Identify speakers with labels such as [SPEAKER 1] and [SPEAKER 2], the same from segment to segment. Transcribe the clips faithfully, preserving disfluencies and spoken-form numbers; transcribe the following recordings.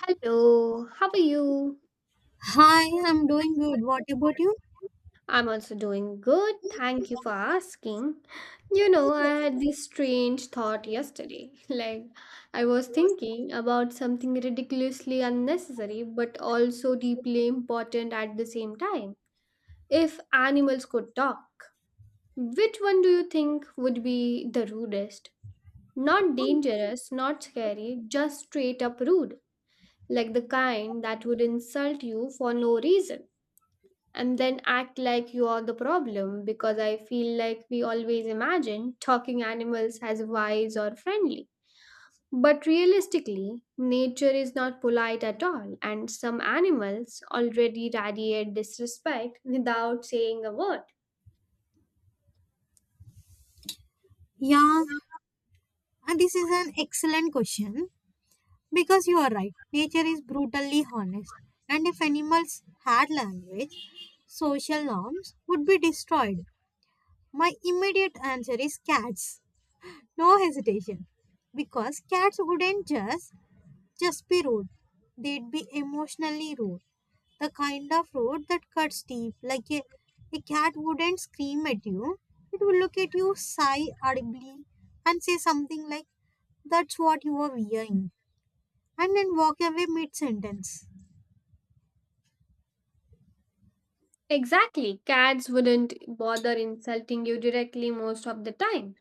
[SPEAKER 1] Hello, how are you?
[SPEAKER 2] Hi, I'm doing good. What about you?
[SPEAKER 1] I'm also doing good. Thank you for asking. You know, I had this strange thought yesterday. Like, I was thinking about something ridiculously unnecessary, but also deeply important at the same time. If animals could talk, which one do you think would be the rudest? Not dangerous, not scary, just straight up rude. Like the kind that would insult you for no reason and then act like you are the problem, because I feel like we always imagine talking animals as wise or friendly. But realistically, nature is not polite at all, and some animals already radiate disrespect without saying a word.
[SPEAKER 2] Yeah, and this is an excellent question because you are right. Nature is brutally honest, and if animals had language, social norms would be destroyed. My immediate answer is cats. No hesitation, because cats wouldn't just Just be rude. They'd be emotionally rude. The kind of road that cuts deep, like a, a cat wouldn't scream at you. It will look at you, sigh audibly, and say something like, "That's what you are wearing," and then walk away mid sentence.
[SPEAKER 1] Exactly, cats wouldn't bother insulting you directly most of the time.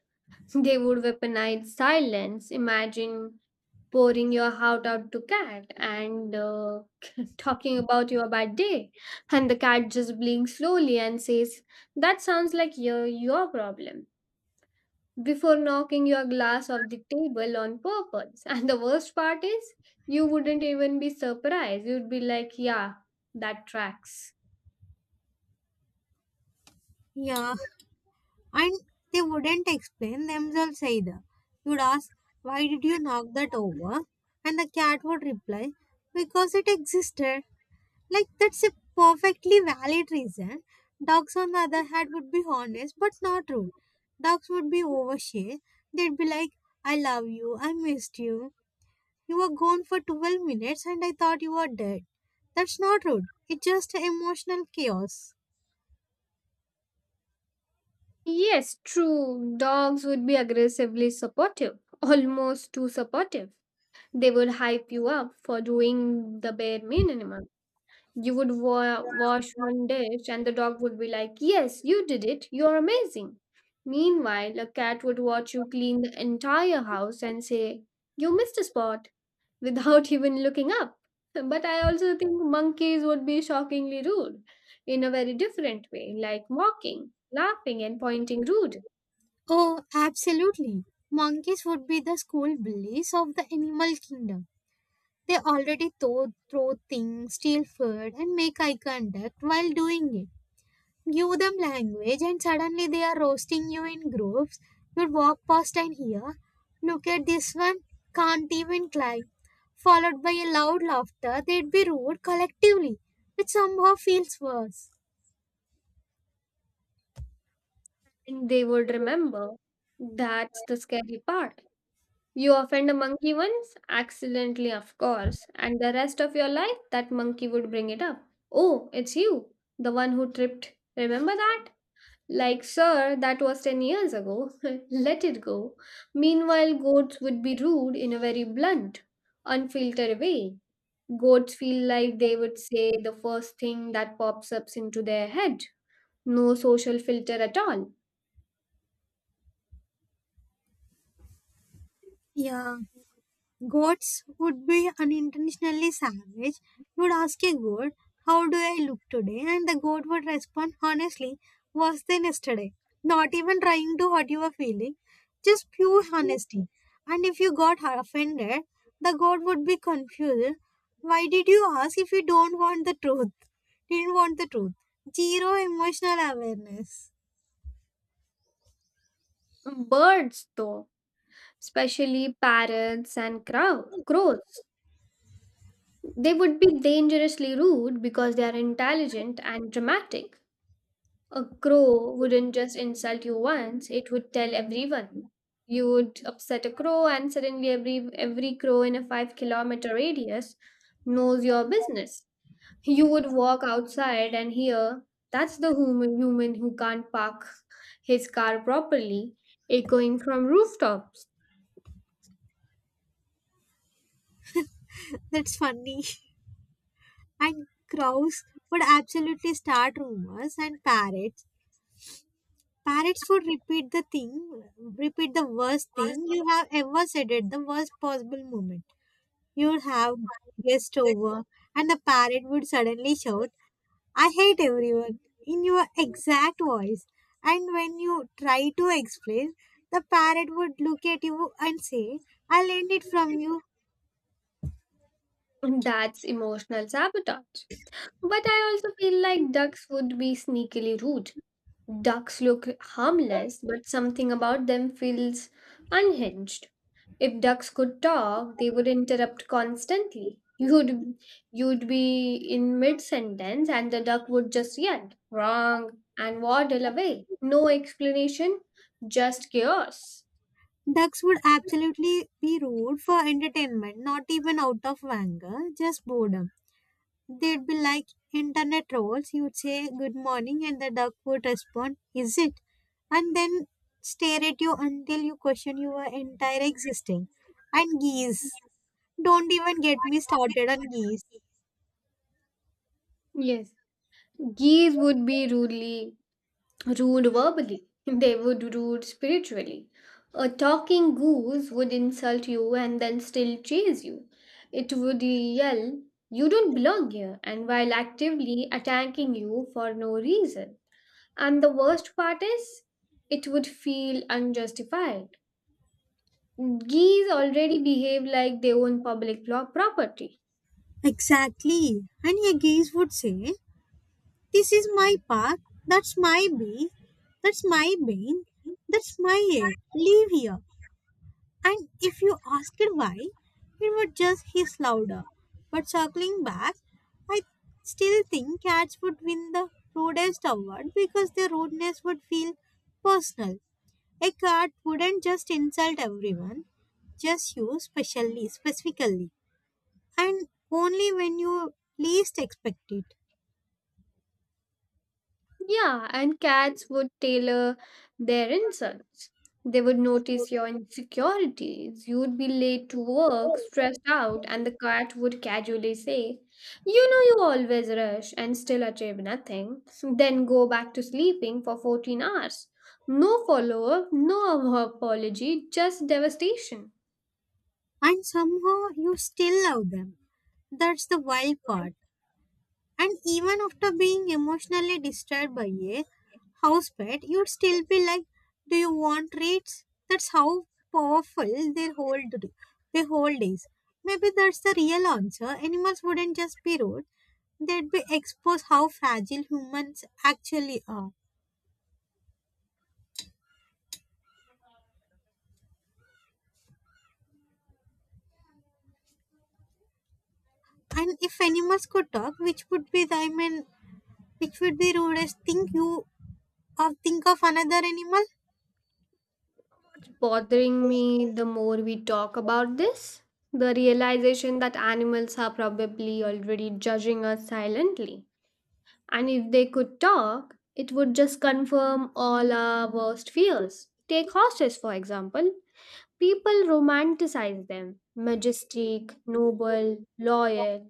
[SPEAKER 1] They would weaponize silence. Imagine pouring your heart out to cat and uh, talking about your bad day and the cat just blinks slowly and says that sounds like your, your problem before knocking your glass off the table on purpose. And the worst part is you wouldn't even be surprised, you'd be like, yeah, that tracks.
[SPEAKER 2] Yeah, and they wouldn't explain themselves either. You'd ask, "Why did you knock that over?" And the cat would reply, "Because it existed." Like, that's a perfectly valid reason. Dogs, on the other hand, would be honest but not rude. Dogs would be overshare. They'd be like, "I love you, I missed you. You were gone for twelve minutes and I thought you were dead." That's not rude. It's just emotional chaos.
[SPEAKER 1] Yes, true. Dogs would be aggressively supportive, almost too supportive. They would hype you up for doing the bare minimum. You would wa- wash one dish, and the dog would be like, yes, you did it, you're amazing. Meanwhile, a cat would watch you clean the entire house and say, you missed a spot, without even looking up. But I also think monkeys would be shockingly rude in a very different way, like mocking, laughing, and pointing rude.
[SPEAKER 2] Oh, absolutely. Monkeys would be the school bullies of the animal kingdom. They already throw, throw things, steal food, and make eye contact while doing it. Give them language, and suddenly they are roasting you in groups. You'd walk past and hear, "Look at this one, can't even climb." Followed by a loud laughter, they'd be rude collectively, which somehow feels worse.
[SPEAKER 1] And they would remember. That's the scary part. You offend a monkey once, accidentally, of course, and the rest of your life that monkey would bring it up. Oh, it's you, the one who tripped. Remember that? Like, sir, that was ten years ago. Let it go. Meanwhile, goats would be rude in a very blunt, unfiltered way. Goats feel like they would say the first thing that pops up into their head. No social filter at all.
[SPEAKER 2] Yeah. Gods would be unintentionally savage. You would ask a god, "How do I look today?" And the god would respond, "Honestly, worse than yesterday." Not even trying to hurt your feeling, just pure honesty. And if you got offended, the god would be confused. Why did you ask if you don't want the truth? Didn't want the truth. Zero emotional awareness.
[SPEAKER 1] Birds, though, especially parrots and crow- crows. They would be dangerously rude because they are intelligent and dramatic. A crow wouldn't just insult you once, it would tell everyone. You would upset a crow, and suddenly every, every crow in a five kilometer radius knows your business. You would walk outside and hear, that's the human, human who can't park his car properly, echoing from rooftops.
[SPEAKER 2] That's funny. And crows would absolutely start rumors, and parrots Parrots would repeat the thing, repeat the worst thing you have ever said at the worst possible moment. You would have guest over, and the parrot would suddenly shout, "I hate everyone," in your exact voice. And when you try to explain, the parrot would look at you and say, "I learned it from you."
[SPEAKER 1] That's emotional sabotage. But I also feel like ducks would be sneakily rude. Ducks look harmless, but something about them feels unhinged. If ducks could talk, they would interrupt constantly. You'd you'd be in mid sentence and the duck would just yell, wrong, and waddle away. No explanation, just chaos.
[SPEAKER 2] Ducks would absolutely be rude for entertainment, not even out of anger, just boredom. They'd be like internet trolls. You'd say good morning and the duck would respond, "Is it?" And then stare at you until you question your entire existing. And geese. Don't even get me started on geese.
[SPEAKER 1] Yes. Geese would be rudely. Rude verbally, they would rude spiritually. A talking goose would insult you and then still chase you. It would yell, you don't belong here, and while actively attacking you for no reason. And the worst part is, it would feel unjustified. Geese already behave like they own public law property.
[SPEAKER 2] Exactly. And a geese would say, "This is my park, that's my bee, that's my bean, that's my air. Leave here." And if you ask it why, it would just hiss louder. But circling back, I still think cats would win the rudest award because their rudeness would feel personal. A cat wouldn't just insult everyone, just you specially, specifically, and only when you least expect it.
[SPEAKER 1] Yeah, and cats would tailor their insults. They would notice your insecurities. You would be late to work, stressed out, and the cat would casually say, you know, you always rush and still achieve nothing. Then go back to sleeping for fourteen hours. No follow up, no apology, just devastation.
[SPEAKER 2] And somehow you still love them. That's the wild part. And even after being emotionally disturbed by a house pet, you'd still be like, "Do you want treats?" That's how powerful their whole d- their whole days. Maybe that's the real answer. Animals wouldn't just be rude, they'd be exposed how fragile humans actually are. And if animals could talk, which would be the I mean which would be rudest thing you or think of another animal?
[SPEAKER 1] What's bothering me the more we talk about this? The realization that animals are probably already judging us silently. And if they could talk, it would just confirm all our worst fears. Take horses, for example. People romanticize them majestic, noble, loyal.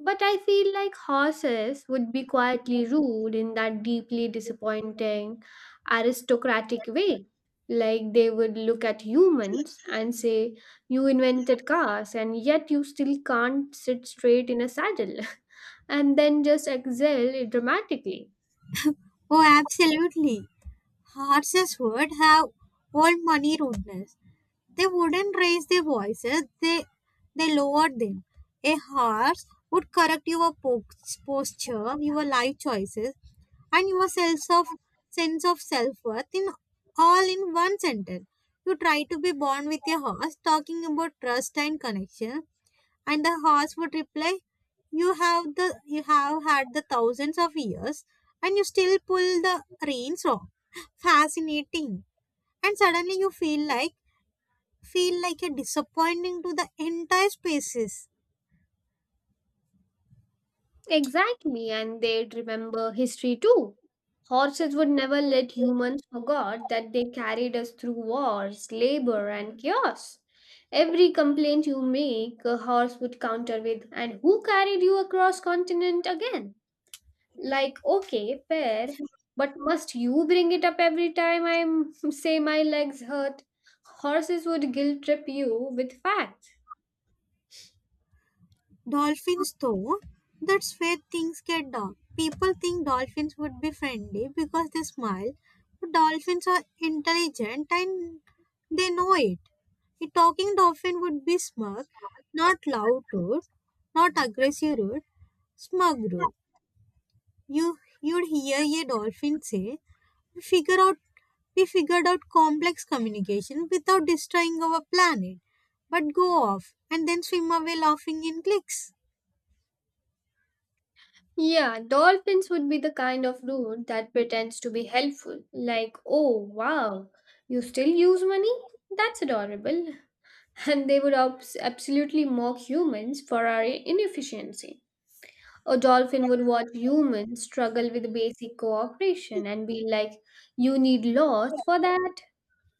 [SPEAKER 1] But I feel like horses would be quietly rude in that deeply disappointing aristocratic way. Like they would look at humans and say, you invented cars, and yet you still can't sit straight in a saddle, and then just exhale dramatically.
[SPEAKER 2] Oh, absolutely. Horses would have old money rudeness. They wouldn't raise their voices, they, they lowered them. A horse would correct your po- posture, your life choices, and your sense of, sense of self-worth in all in one sentence. You try to be born with a horse, talking about trust and connection, and the horse would reply, You have the you have had the thousands of years and you still pull the reins wrong." Fascinating. And suddenly you feel like feel like a disappointing to the entire species.
[SPEAKER 1] Exactly, and they'd remember history too. Horses would never let humans forget that they carried us through wars, labor, and chaos. Every complaint you make, a horse would counter with, and who carried you across continent again? Like, okay, fair, but must you bring it up every time I say my legs hurt? Horses would guilt trip you with facts.
[SPEAKER 2] Dolphins though, that's where things get dark. People think dolphins would be friendly because they smile, but dolphins are intelligent and they know it. A talking dolphin would be smug, not loud rude, not aggressive rude, smug rude. You you'd hear a dolphin say, "We figure out we figured out complex communication without destroying our planet, but go off," and then swim away laughing in clicks.
[SPEAKER 1] Yeah, dolphins would be the kind of dude that pretends to be helpful. Like, oh, wow, you still use money? That's adorable. And they would abs- absolutely mock humans for our inefficiency. A dolphin would watch humans struggle with basic cooperation and be like, you need laws for that,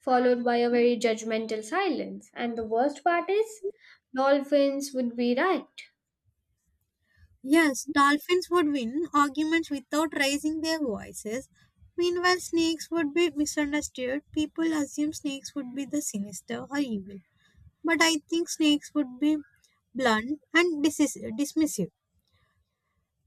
[SPEAKER 1] followed by a very judgmental silence. And the worst part is, dolphins would be right.
[SPEAKER 2] Yes, dolphins would win arguments without raising their voices. Meanwhile, snakes would be misunderstood. People assume snakes would be the sinister or evil. But I think snakes would be blunt and dis- dismissive.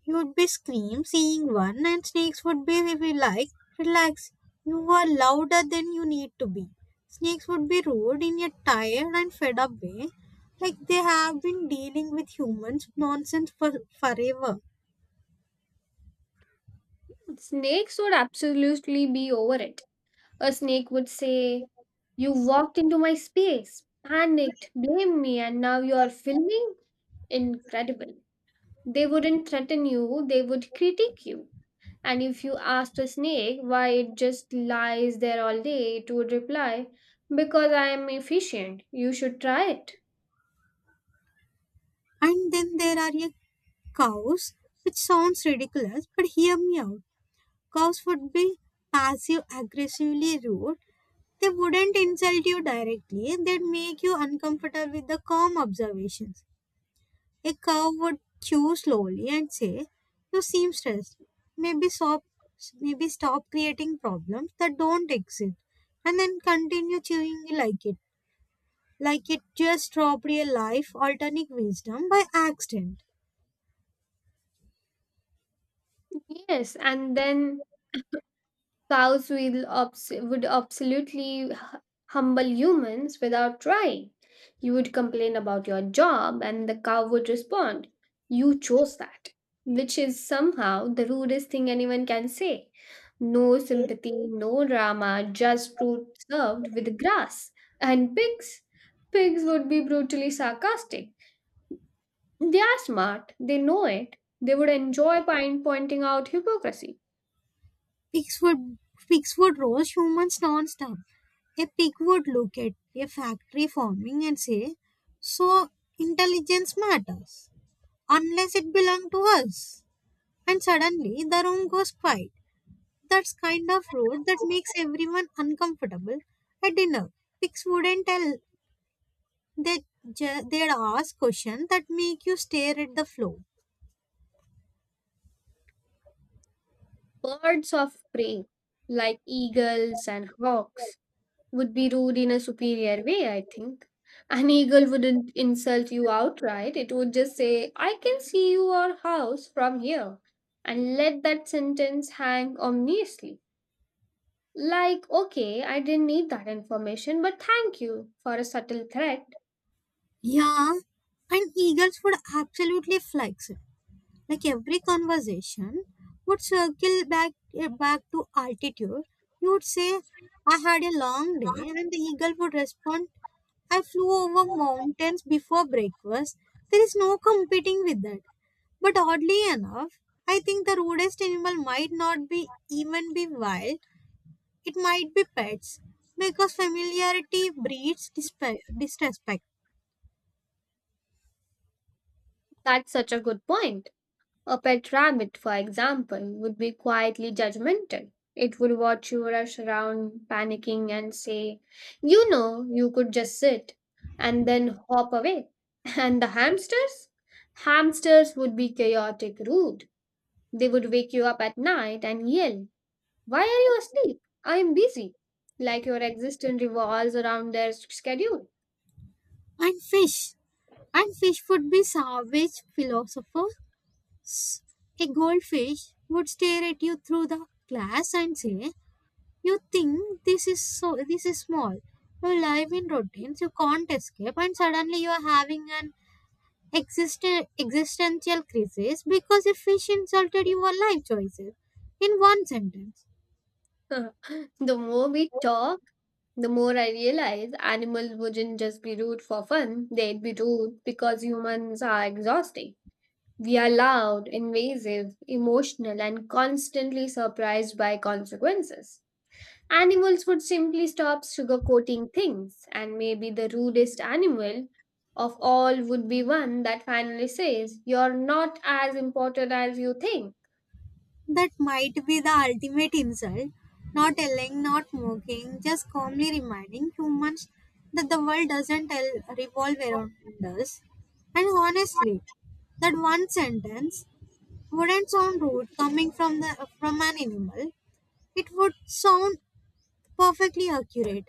[SPEAKER 2] You would be scream seeing one, and snakes would be, if you like, "Relax. You are louder than you need to be." Snakes would be rude in a tired and fed up way, like they have been dealing with humans' nonsense for forever.
[SPEAKER 1] Snakes would absolutely be over it. A snake would say, you walked into my space, panicked, blamed me, and now you are filming? Incredible. They wouldn't threaten you, they would critique you. And if you asked a snake why it just lies there all day, it would reply, because I am efficient. You should try it.
[SPEAKER 2] And then there are your cows, which sounds ridiculous, but hear me out. Cows would be passive aggressively rude. They wouldn't insult you directly, they'd make you uncomfortable with the calm observations. A cow would chew slowly and say, "You seem stressed. Maybe stop, maybe stop creating problems that don't exist," and then continue chewing like it. Like it just dropped a life altering wisdom by accident.
[SPEAKER 1] Yes, and then cows will abs- would absolutely hu- humble humans without trying. You would complain about your job, and the cow would respond, you chose that, which is somehow the rudest thing anyone can say. No sympathy, no drama, just fruit served with grass. And pigs? Pigs would be brutally sarcastic. They are smart, they know it. They would enjoy point- pointing out hypocrisy.
[SPEAKER 2] Pigs would, pigs would roast humans non-stop. A pig would look at a factory forming and say, "So intelligence matters, unless it belonged to us." And suddenly the room goes quiet. That's kind of road that makes everyone uncomfortable at dinner. Pigs wouldn't tell. They ju- they'd ask questions that make you stare at the floor.
[SPEAKER 1] Birds of prey, like eagles and hawks, would be rude in a superior way, I think. An eagle wouldn't insult you outright, it would just say, I can see your house from here, and let that sentence hang ominously. Like, okay, I didn't need that information, but thank you for a subtle threat.
[SPEAKER 2] Yeah, and eagles would absolutely flex. Like every conversation would circle back eh, back to altitude. You would say, "I had a long day," and the eagle would respond, "I flew over mountains before breakfast." There is no competing with that. But oddly enough, I think the rudest animal might not be even be wild. It might be pets because familiarity breeds dispe- disrespect.
[SPEAKER 1] That's such a good point. A pet rabbit, for example, would be quietly judgmental. It would watch you rush around, panicking, and say, you know, you could just sit, and then hop away. And the hamsters? Hamsters would be chaotic, rude. They would wake you up at night and yell, why are you asleep? I am busy. Like your existence revolves around their schedule.
[SPEAKER 2] And fish. And fish would be savage philosophers. A goldfish would stare at you through the glass and say, "You think this is so this is small. You live in routines, you can't escape," and suddenly you are having an existen- existential crisis because a fish insulted your life choices in one sentence.
[SPEAKER 1] The more we talk, the more I realize animals wouldn't just be rude for fun, they'd be rude because humans are exhausting. We are loud, invasive, emotional, and constantly surprised by consequences. Animals would simply stop sugarcoating things, and maybe the rudest animal of all would be one that finally says, you're not as important as you think.
[SPEAKER 2] That might be the ultimate insult. Not yelling, not mocking, just calmly reminding humans that the world doesn't el- revolve around us. And honestly, that one sentence wouldn't sound rude coming from the from an animal. It would sound perfectly accurate.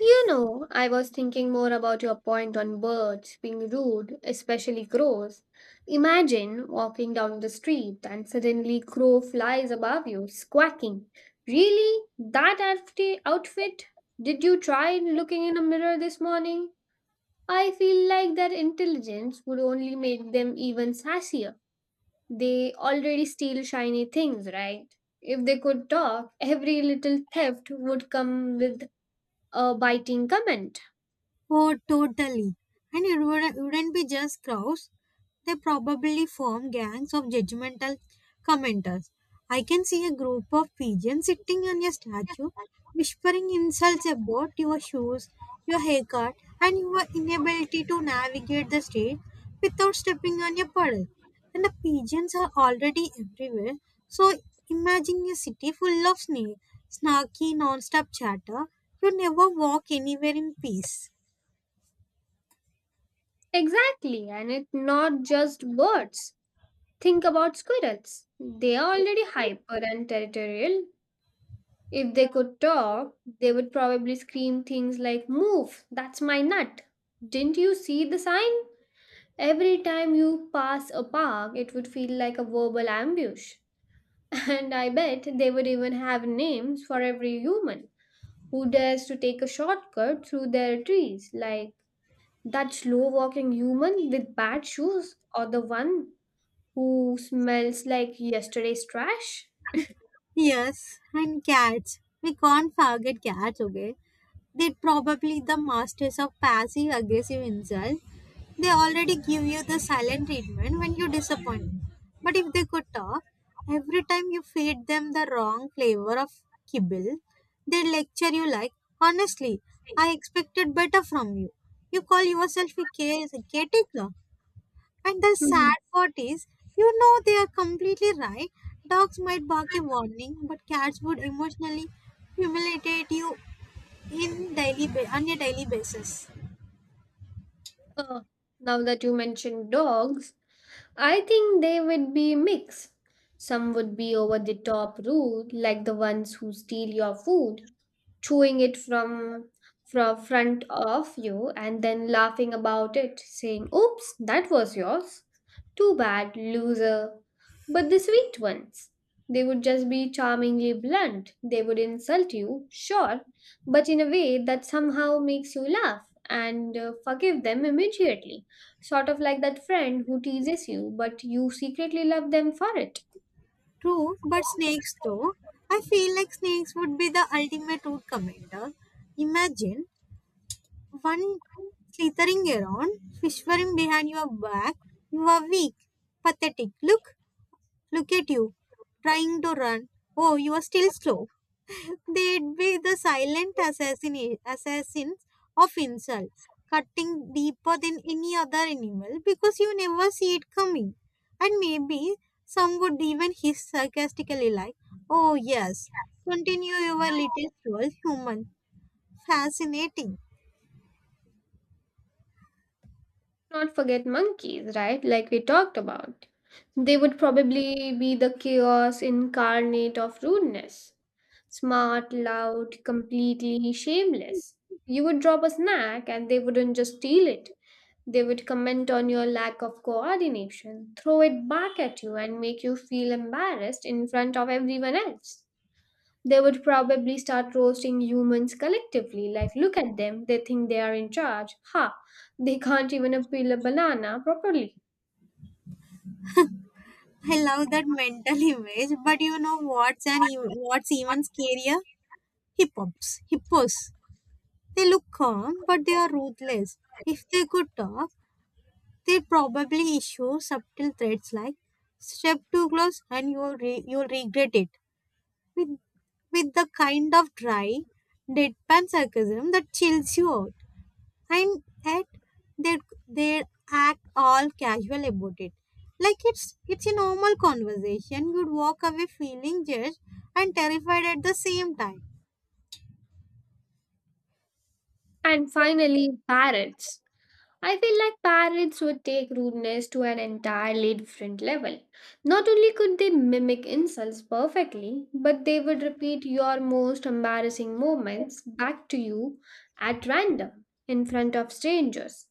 [SPEAKER 1] You know, I was thinking more about your point on birds being rude, especially crows. Imagine walking down the street and suddenly crow flies above you, squawking. Really? That outfit? Outfit? Did you try looking in a mirror this morning? I feel like their intelligence would only make them even sassier. They already steal shiny things, right? If they could talk, every little theft would come with a biting comment.
[SPEAKER 2] Oh, totally. And it wouldn't wouldn't be just crowds. They probably form gangs of judgmental commenters. I can see a group of pigeons sitting on your statue, whispering insults about your shoes, your haircut, and your inability to navigate the street without stepping on your puddle. And the pigeons are already everywhere, so imagine a city full of sna- snarky, non-stop chatter. You never walk anywhere in peace.
[SPEAKER 1] Exactly, and it's not just birds. Think about squirrels. They are already hyper and territorial. If they could talk, they would probably scream things like, move, that's my nut. Didn't you see the sign? Every time you pass a park, it would feel like a verbal ambush. And I bet they would even have names for every human who dares to take a shortcut through their trees, like that slow walking human with bad shoes or the one who smells like yesterday's trash?
[SPEAKER 2] Yes, and cats. We can't forget cats, okay? They're probably the masters of passive aggressive insult. They already give you the silent treatment when you disappoint. But if they could talk, every time you feed them the wrong flavor of kibble, they lecture you like, "Honestly, I expected better from you. You call yourself a caretaker." And the
[SPEAKER 1] Hmm.
[SPEAKER 2] sad part is, you know they are completely right. Dogs might bark a warning, but cats would emotionally humiliate you in daily ba- on a daily basis.
[SPEAKER 1] Uh, Now that you mentioned dogs, I think they would be mixed. Some would be over the top rude, like the ones who steal your food, chewing it from from front of you and then laughing about it, saying, "Oops, that was yours. Too bad, loser." But the sweet ones, they would just be charmingly blunt. They would insult you, sure, but in a way that somehow makes you laugh and uh, forgive them immediately. Sort of like that friend who teases you, but you secretly love them for it.
[SPEAKER 2] True, but snakes though, I feel like snakes would be the ultimate root commander. Imagine one slithering around, whispering behind your back, "You are weak, pathetic. Look, look at you, trying to run. Oh, you are still slow." They'd be the silent assassin- assassins of insult, cutting deeper than any other animal because you never see it coming. And maybe some would even hiss sarcastically, like, "Oh, yes, continue your little troll, human. Fascinating."
[SPEAKER 1] Not forget monkeys, right? Like we talked about. They would probably be the chaos incarnate of rudeness. Smart, loud, completely shameless. You would drop a snack and they wouldn't just steal it. They would comment on your lack of coordination, throw it back at you, and make you feel embarrassed in front of everyone else. They would probably start roasting humans collectively, like, look at them, they think they are in charge. Ha, they can't even peel a banana properly.
[SPEAKER 2] I love that mental image, but you know what's an even, what's even scarier? Hippops, hippos. They look calm, but they are ruthless. If they could talk, they probably issue subtle threats like, "Step too close and you'll re- you'll regret it," with with the kind of dry, deadpan sarcasm that chills you out. And yet they they act all casual about it, like it's it's a normal conversation. You'd walk away feeling judged and terrified at the same time.
[SPEAKER 1] And finally, parrots. I feel like parrots would take rudeness to an entirely different level. Not only could they mimic insults perfectly, but they would repeat your most embarrassing moments back to you at random in front of strangers.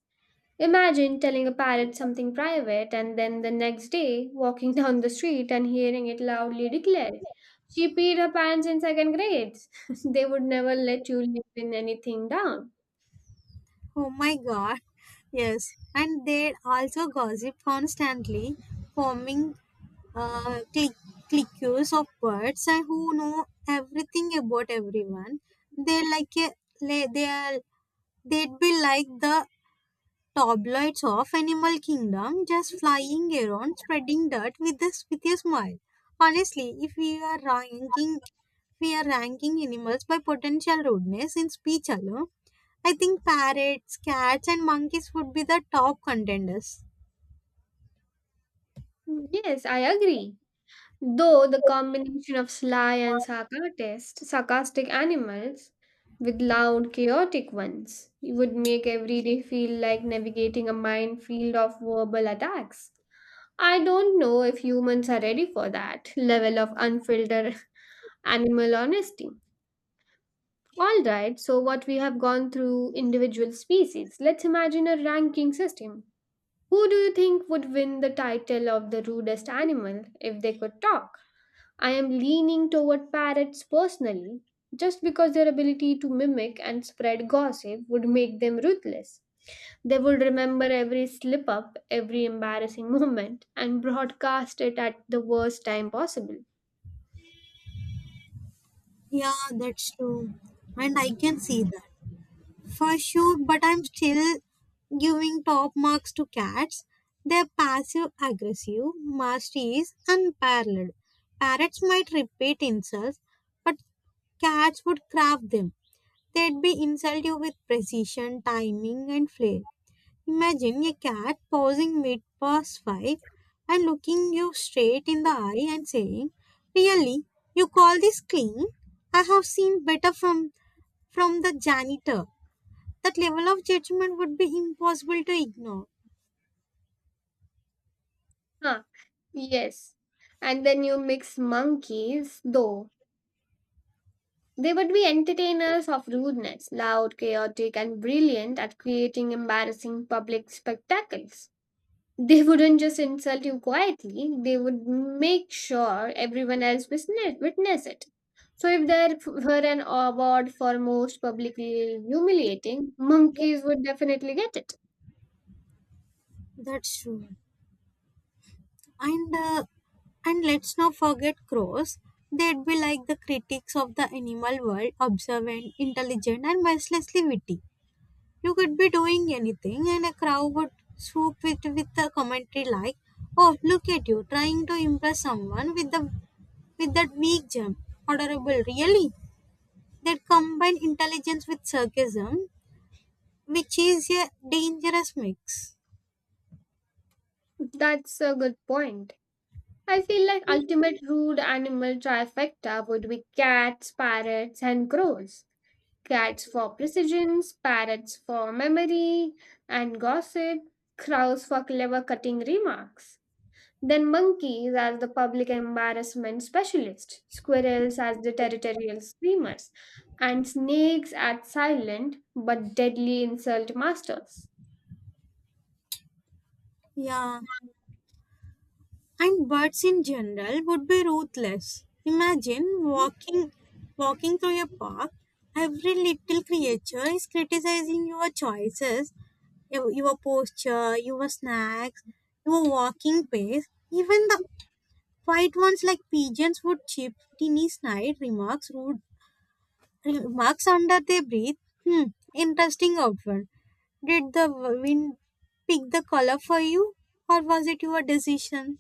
[SPEAKER 1] Imagine telling a parrot something private and then the next day walking down the street and hearing it loudly declare, she peed her pants in second grade. They would never let you live in anything down.
[SPEAKER 2] Oh my god. Yes. And they also gossip constantly, forming uh, click, cliques of birds and who know everything about everyone. They like a, le- they are they'd be like the tabloids of Animal Kingdom, just flying around, spreading dirt with this with a smile. Honestly, if we are ranking we are ranking animals by potential rudeness in speech alone, I think parrots, cats, and monkeys would be the top contenders.
[SPEAKER 1] Yes, I agree. Though the combination of sly and sarcastic, sarcastic animals with loud, chaotic ones would make every day feel like navigating a minefield of verbal attacks. I don't know if humans are ready for that level of unfiltered animal honesty. Alright, so what we have gone through individual species, let's imagine a ranking system. Who do you think would win the title of the rudest animal if they could talk? I am leaning toward parrots personally, just because their ability to mimic and spread gossip would make them ruthless. They would remember every slip up, every embarrassing moment, and broadcast it at the worst time possible.
[SPEAKER 2] Yeah, that's true. And I can see that for sure, but I'm still giving top marks to cats. They're passive aggressive, mastery is unparalleled. Parrots might repeat insults, but cats would craft them. They'd be insult you with precision, timing, and flair. Imagine a cat pausing mid past five and looking you straight in the eye and saying, "Really, you call this clean? I have seen better from from the janitor." That level of judgment would be impossible to ignore.
[SPEAKER 1] Huh, yes. And then you mix monkeys, though. They would be entertainers of rudeness, loud, chaotic, and brilliant at creating embarrassing public spectacles. They wouldn't just insult you quietly, they would make sure everyone else witness witness it. So, if there were an award for most publicly humiliating, monkeys would definitely get it.
[SPEAKER 2] That's true. And uh, and let's not forget crows. They'd be like the critics of the animal world, observant, intelligent, and mercilessly witty. You could be doing anything, and a crowd would swoop it with a commentary like, "Oh, look at you trying to impress someone with the with that weak jump. Adorable, really." That combine intelligence with sarcasm, which is a dangerous mix.
[SPEAKER 1] That's a good point. I feel like ultimate rude animal trifecta would be cats, parrots, and crows. Cats for precision, parrots for memory and gossip, crows for clever cutting remarks. Then monkeys are the public embarrassment specialists, squirrels as the territorial screamers, and snakes as silent but deadly insult masters.
[SPEAKER 2] Yeah, and birds in general would be ruthless. Imagine walking walking through a park, every little creature is criticizing your choices, your your posture, your snacks, your walking pace. Even the quiet ones like pigeons would chip tiny snide remarks rude remarks under their breath. "Hmm, interesting outfit. Did the wind pick the color for you or was it your decision?"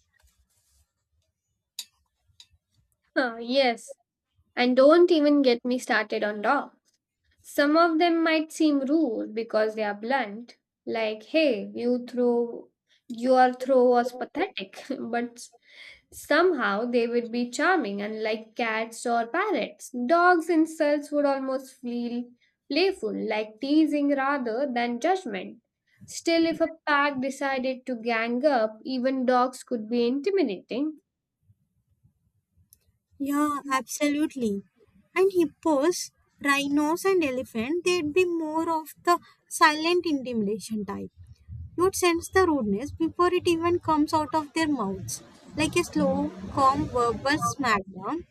[SPEAKER 1] Ah, yes, and don't even get me started on dogs. Some of them might seem rude because they are blunt, like, hey, you throw your throw was pathetic, but somehow they would be charming, unlike cats or parrots. Dogs' insults would almost feel playful, like teasing rather than judgment. Still, if a pack decided to gang up, even dogs could be intimidating,
[SPEAKER 2] Yeah, absolutely. And hippos, rhinos, and elephant, they'd be more of the silent intimidation type. You'd sense the rudeness before it even comes out of their mouths, like a slow, calm verbal smackdown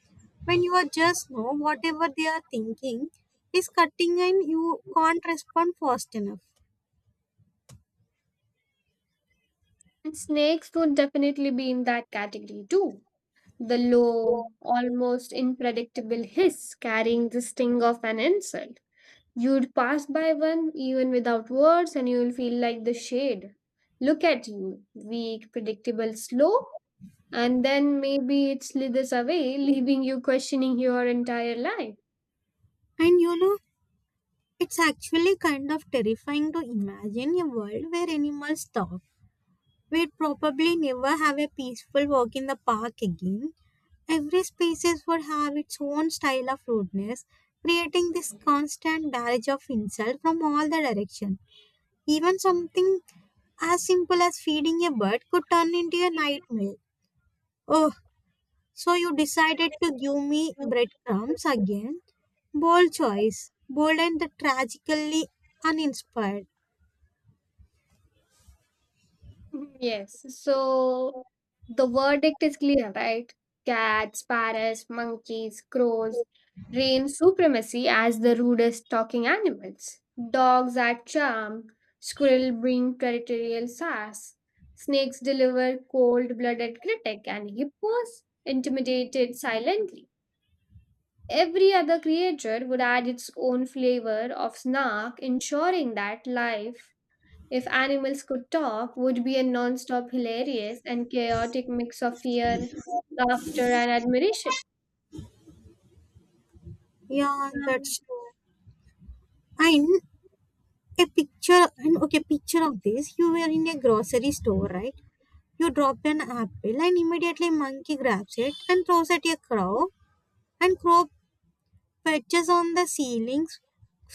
[SPEAKER 2] when you are just know whatever they are thinking is cutting and you can't respond fast enough.
[SPEAKER 1] and snakes would definitely be in that category too. The low, almost unpredictable hiss carrying the sting of an insult. You'd pass by one even without words, and you'll feel like the shade. Look at you, weak, predictable, slow, and then maybe it slithers away, leaving you questioning your entire life.
[SPEAKER 2] And you know, it's actually kind of terrifying to imagine a world where animals talk. We'd probably never have a peaceful walk in the park again. Every species would have its own style of rudeness, creating this constant barrage of insult from all the direction. Even something as simple as feeding a bird could turn into a nightmare. "Oh, so you decided to give me breadcrumbs again? Bold choice. Bold and tragically uninspired."
[SPEAKER 1] Yes, so the verdict is clear, right? Cats, parrots, monkeys, crows reign supremacy as the rudest talking animals. Dogs are charm, squirrel bring territorial sass, snakes deliver cold-blooded critic, and hippos intimidated silently. Every other creature would add its own flavor of snark, ensuring that life, if animals could talk, would be a non-stop hilarious and chaotic mix of fear, laughter, and admiration.
[SPEAKER 2] Yeah, that's true. And a picture and okay, picture of this. You were in a grocery store, right? You drop an apple and immediately monkey grabs it and throws at a crow, and crow perches on the ceiling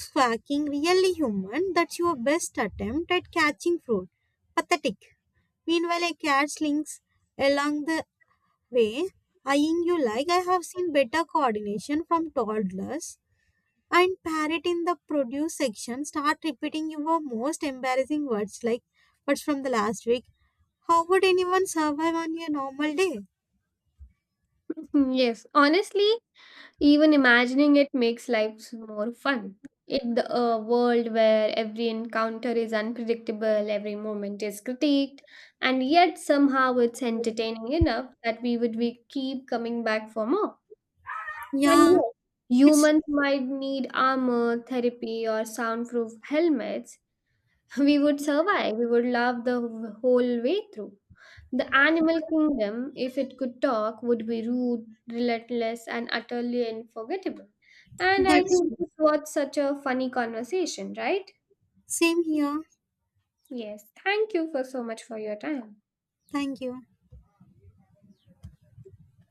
[SPEAKER 2] squawking, "Really, human, that's your best attempt at catching fruit? Pathetic." Meanwhile a cat slings along the way, eyeing you like, "I have seen better coordination from toddlers." And parrot in the produce section start repeating your most embarrassing words like words from the last week. How would anyone survive on a normal day?
[SPEAKER 1] Yes, honestly, even imagining it makes life more fun. In the a world where every encounter is unpredictable, every moment is critiqued, and yet somehow it's entertaining enough that we would be keep coming back for more. And
[SPEAKER 2] Yeah.
[SPEAKER 1] yes,
[SPEAKER 2] it's
[SPEAKER 1] humans might need armor, therapy, or soundproof helmets we would survive. We would love the wh- whole way through. The animal kingdom, if it could talk, would be rude, relentless, and utterly unforgettable. And I
[SPEAKER 2] That's
[SPEAKER 1] think this was such a funny conversation, right?
[SPEAKER 2] same here.
[SPEAKER 1] Yes. Thank you for so much for your time.
[SPEAKER 2] Thank you.